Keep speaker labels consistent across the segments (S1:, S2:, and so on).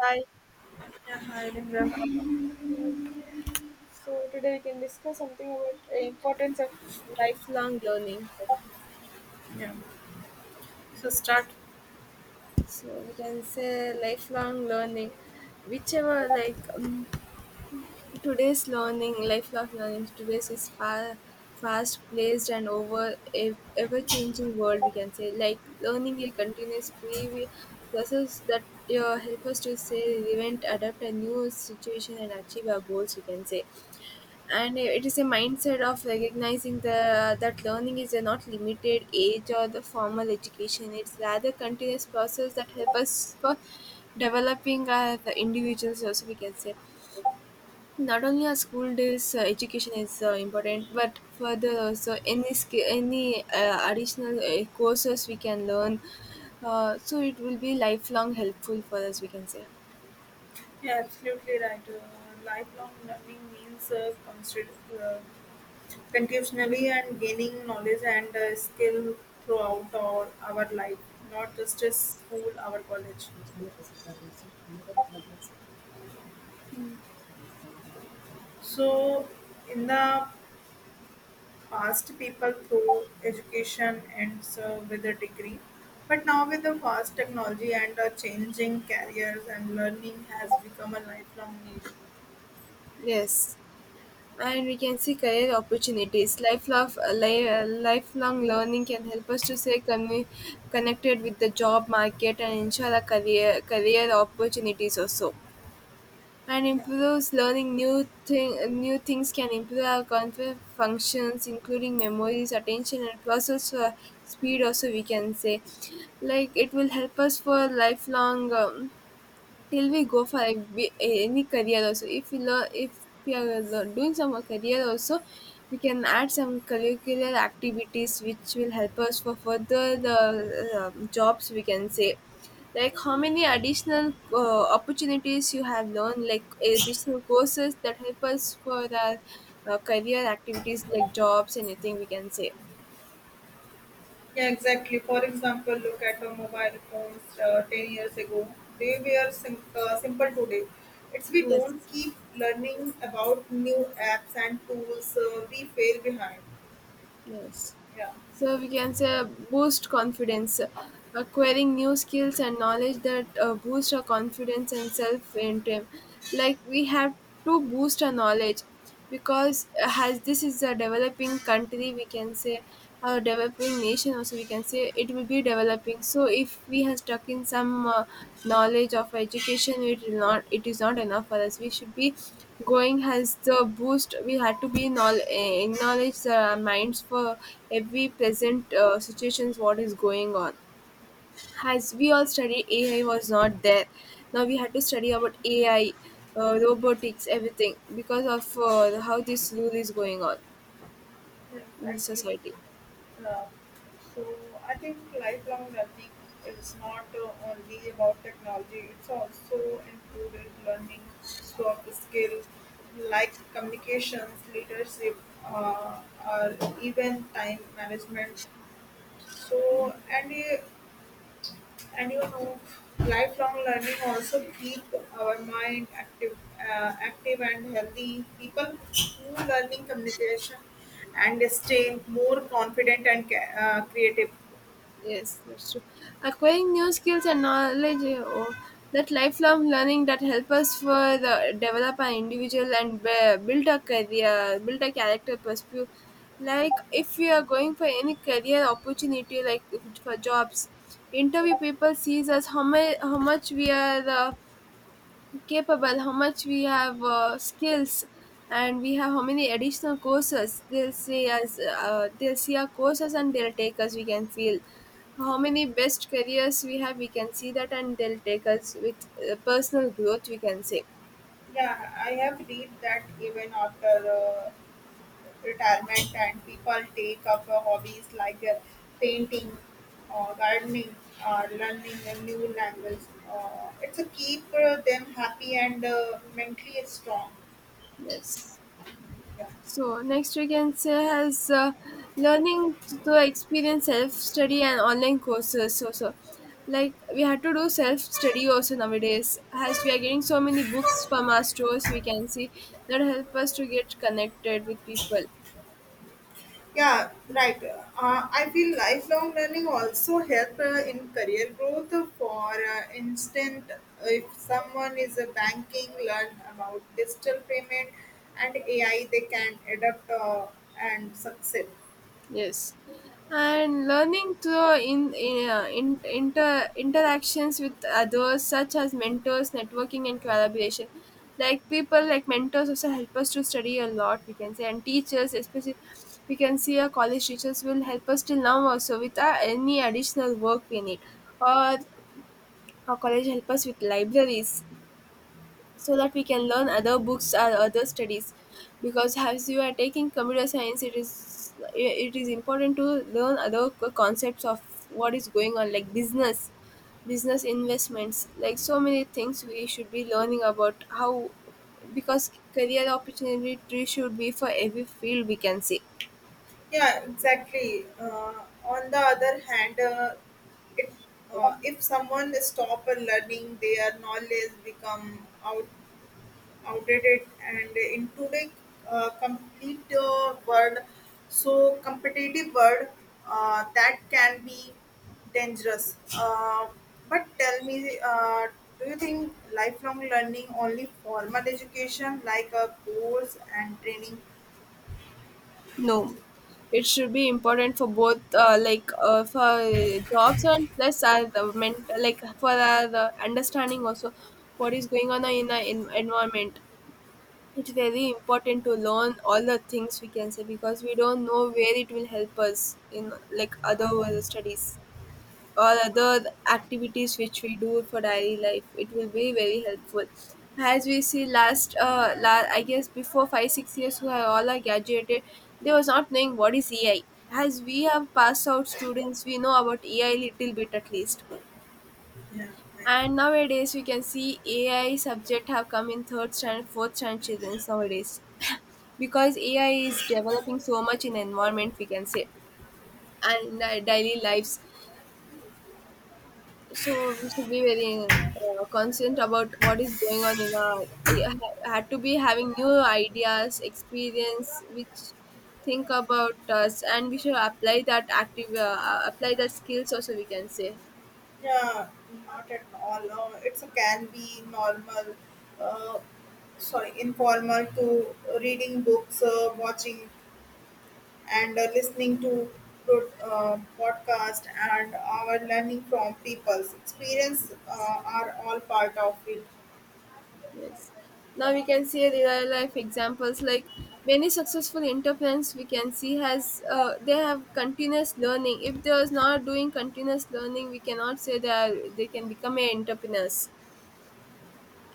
S1: Hi.
S2: Yeah, hi, Lingra.
S1: So today we can discuss something about the importance of lifelong learning.
S2: Yeah. So start.
S1: So we can say lifelong learning, whichever today's learning, lifelong learning, today's is fast placed and over ever changing world, we can say. Like learning a continuous process that help us to stay relevant, adapt a new situation, and achieve our goals, we can say and it is a mindset of recognizing the that learning is not limited age or the formal education, it's rather continuous process that help us for developing our the individuals also we can say not only our school days education is important, but further so any additional courses we can learn. So it will be lifelong helpful for us. We can say
S2: Yeah, absolutely right. Lifelong learning means uh, continuously and gaining knowledge and skill throughout our life, not just a school, our college. So in the past, people through education and so with a degree, but now with the fast technology and changing careers and learning has become a lifelong need.
S1: yes, and we can see career opportunities. Lifelong lifelong learning can help us to stay connected with the job market and ensure our career opportunities also. And
S2: Yeah.
S1: improves learning new thing, new things can improve our cognitive functions including memories attention and process speed also we can say like it will help us for lifelong till we go for any career also if we learn if we are doing some career also we can add some curricular activities which will help us for further the jobs we can say like how many additional opportunities you have learned like additional courses that help us for our career activities like jobs anything we can say
S2: Yeah, exactly. For example, look at the mobile phones 10 years ago. They were simple today. It's we don't
S1: yes.
S2: keep learning about new apps and tools. We fail behind.
S1: Yes.
S2: Yeah,
S1: So we can say boost confidence. Acquiring new skills and knowledge that boost our confidence and self esteem. Like we have to boost our knowledge because as this is a developing country, we can say a developing nation. Also, we can say it will be developing. So if we have stuck in some knowledge of education, it will not. It is not enough for us. We should be going has the boost. We had to be acknowledge the minds for every present situations. What is going on? As we all studied, AI was not there. Now we had to study about AI, robotics, everything because of how this rule is going on
S2: yeah,
S1: in the
S2: exactly.
S1: society.
S2: Uh, so I think lifelong learning. It's not only about technology. It's also included learning soft skill like communications, leadership, uh, or even time management. So, and you, and you know, lifelong learning also keep our mind active, active and healthy. People who learning communication and stay more confident and creative.
S1: Yes, that's true. Acquiring new skills and knowledge, that lifelong learning that help us for the develop an individual and build a career, build a character perspective. Like if you are going for any career opportunity, like it's for jobs, interview people sees us how much we are. Capable, how much we have skills, and we have how many additional courses. They'll see us, they'll see our courses, and they'll take us. We can feel how many best careers we have. We can see that, and they'll take us with personal growth. We can say
S2: Yeah, I have read that even after retirement and people take up hobbies like painting or gardening or learning a new language. It's a keep them happy and mentally strong.
S1: yes.
S2: Yeah.
S1: So next we can say has learning to experience self study and online courses. So like we had to do self study also nowadays. As we are getting so many books from our stores, we can see that help us to get connected with people.
S2: Yeah, right. I feel lifelong learning also help in career growth. For instance, if someone is a banking, learn about digital payment and AI, they can adapt and succeed.
S1: Yes, and learning through in inter interactions with others, such as mentors, networking, and collaboration. Like people, like mentors, also help us to study a lot. We can say, and teachers, especially, we can see our college teachers will help us till now also with our, any additional work we need, or our college help us with libraries so that we can learn other books or other studies because as you are taking computer science it is important to learn other concepts of what is going on like business investments like so many things we should be learning about how because career opportunity should be for every field we can say.
S2: Yeah, exactly. On the other hand, it, if someone stop learning, their knowledge become outdated. And in today, complete world, so competitive world, that can be dangerous. But tell me, do you think lifelong learning only formal education like a course and training?
S1: No, it should be important for both, for jobs and plus as the mental, like for the understanding also what is going on in the environment. It's very important to learn all the things we can say because we don't know where it will help us in like other world studies or other activities which we do for daily life it will be very helpful as we see last I guess before 5 6 years who are all are graduated they was not knowing what is EI as we have passed out students we know about EI little bit at least.
S2: Yeah. Right.
S1: And nowadays we can see AI subject have come in third standard fourth standard children nowadays because AI is developing so much in environment we can say and in our daily lives. So we should be very conscious about what is going on in our. I had to be having new ideas experience which think about us and we should apply that active apply that skills also we can say
S2: Yeah, not at all. It's a can be normal, uh, sorry, informal to reading books, watching, and listening to podcast, and our learning from people's experience are all part of it.
S1: yes. Now
S2: Yeah,
S1: we can see real life examples like many successful entrepreneurs we can see has they have continuous learning. If they are not doing continuous learning we cannot say that they can become a entrepreneurs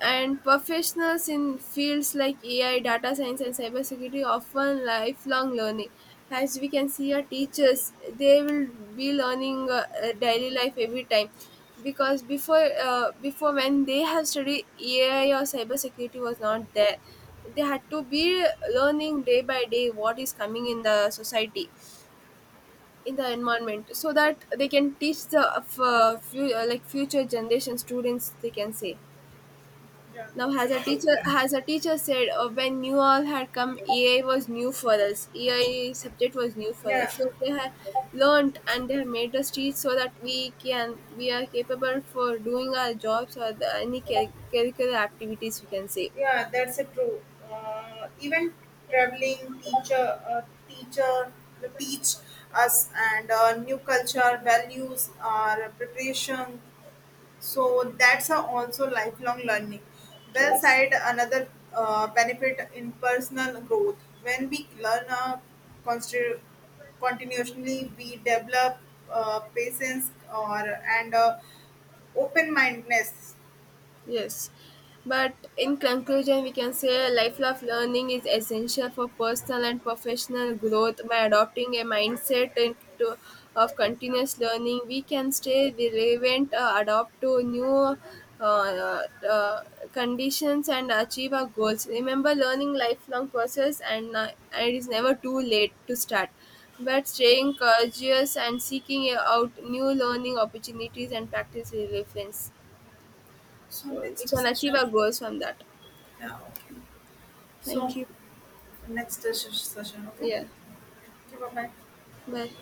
S1: and professionals in fields like AI, data science, and cybersecurity often lifelong learning. As we can see, our teachers they will be learning daily life every time, because before when they have studied AI or cybersecurity was not there, they had to be learning day by day what is coming in the society in the environment so that they can teach the like future generation students they can say.
S2: yeah,
S1: Now, has a
S2: that's so true.
S1: teacher has a teacher said when you all had come, EI was new for us. EI subject was new for us,
S2: Yeah,
S1: so they had learned and they have made us teach so that we are capable for doing our jobs or the, any curricular activities. We can say
S2: yeah, that's a true. Even traveling teacher, teacher teach us and new culture values, our preparation. So that's a also lifelong learning. Well
S1: yes.
S2: said. Another benefit in personal growth when we learn constri- continuously, we develop patience or and open mindedness.
S1: Yes. But in conclusion, we can say lifelong learning is essential for personal and professional growth. By adopting a mindset of continuous learning, we can stay relevant, adapt to new uh, uh, conditions, and achieve our goals. Remember, learning lifelong process, and it is never too late to start. But staying curious and seeking out new learning opportunities and practice relevance.
S2: So
S1: So we
S2: next
S1: can achieve
S2: session.
S1: our goals from that.
S2: Yeah. Okay.
S1: Thank
S2: So.
S1: you.
S2: Next session, okay?
S1: Yeah.
S2: Okay, bye bye.
S1: Bye.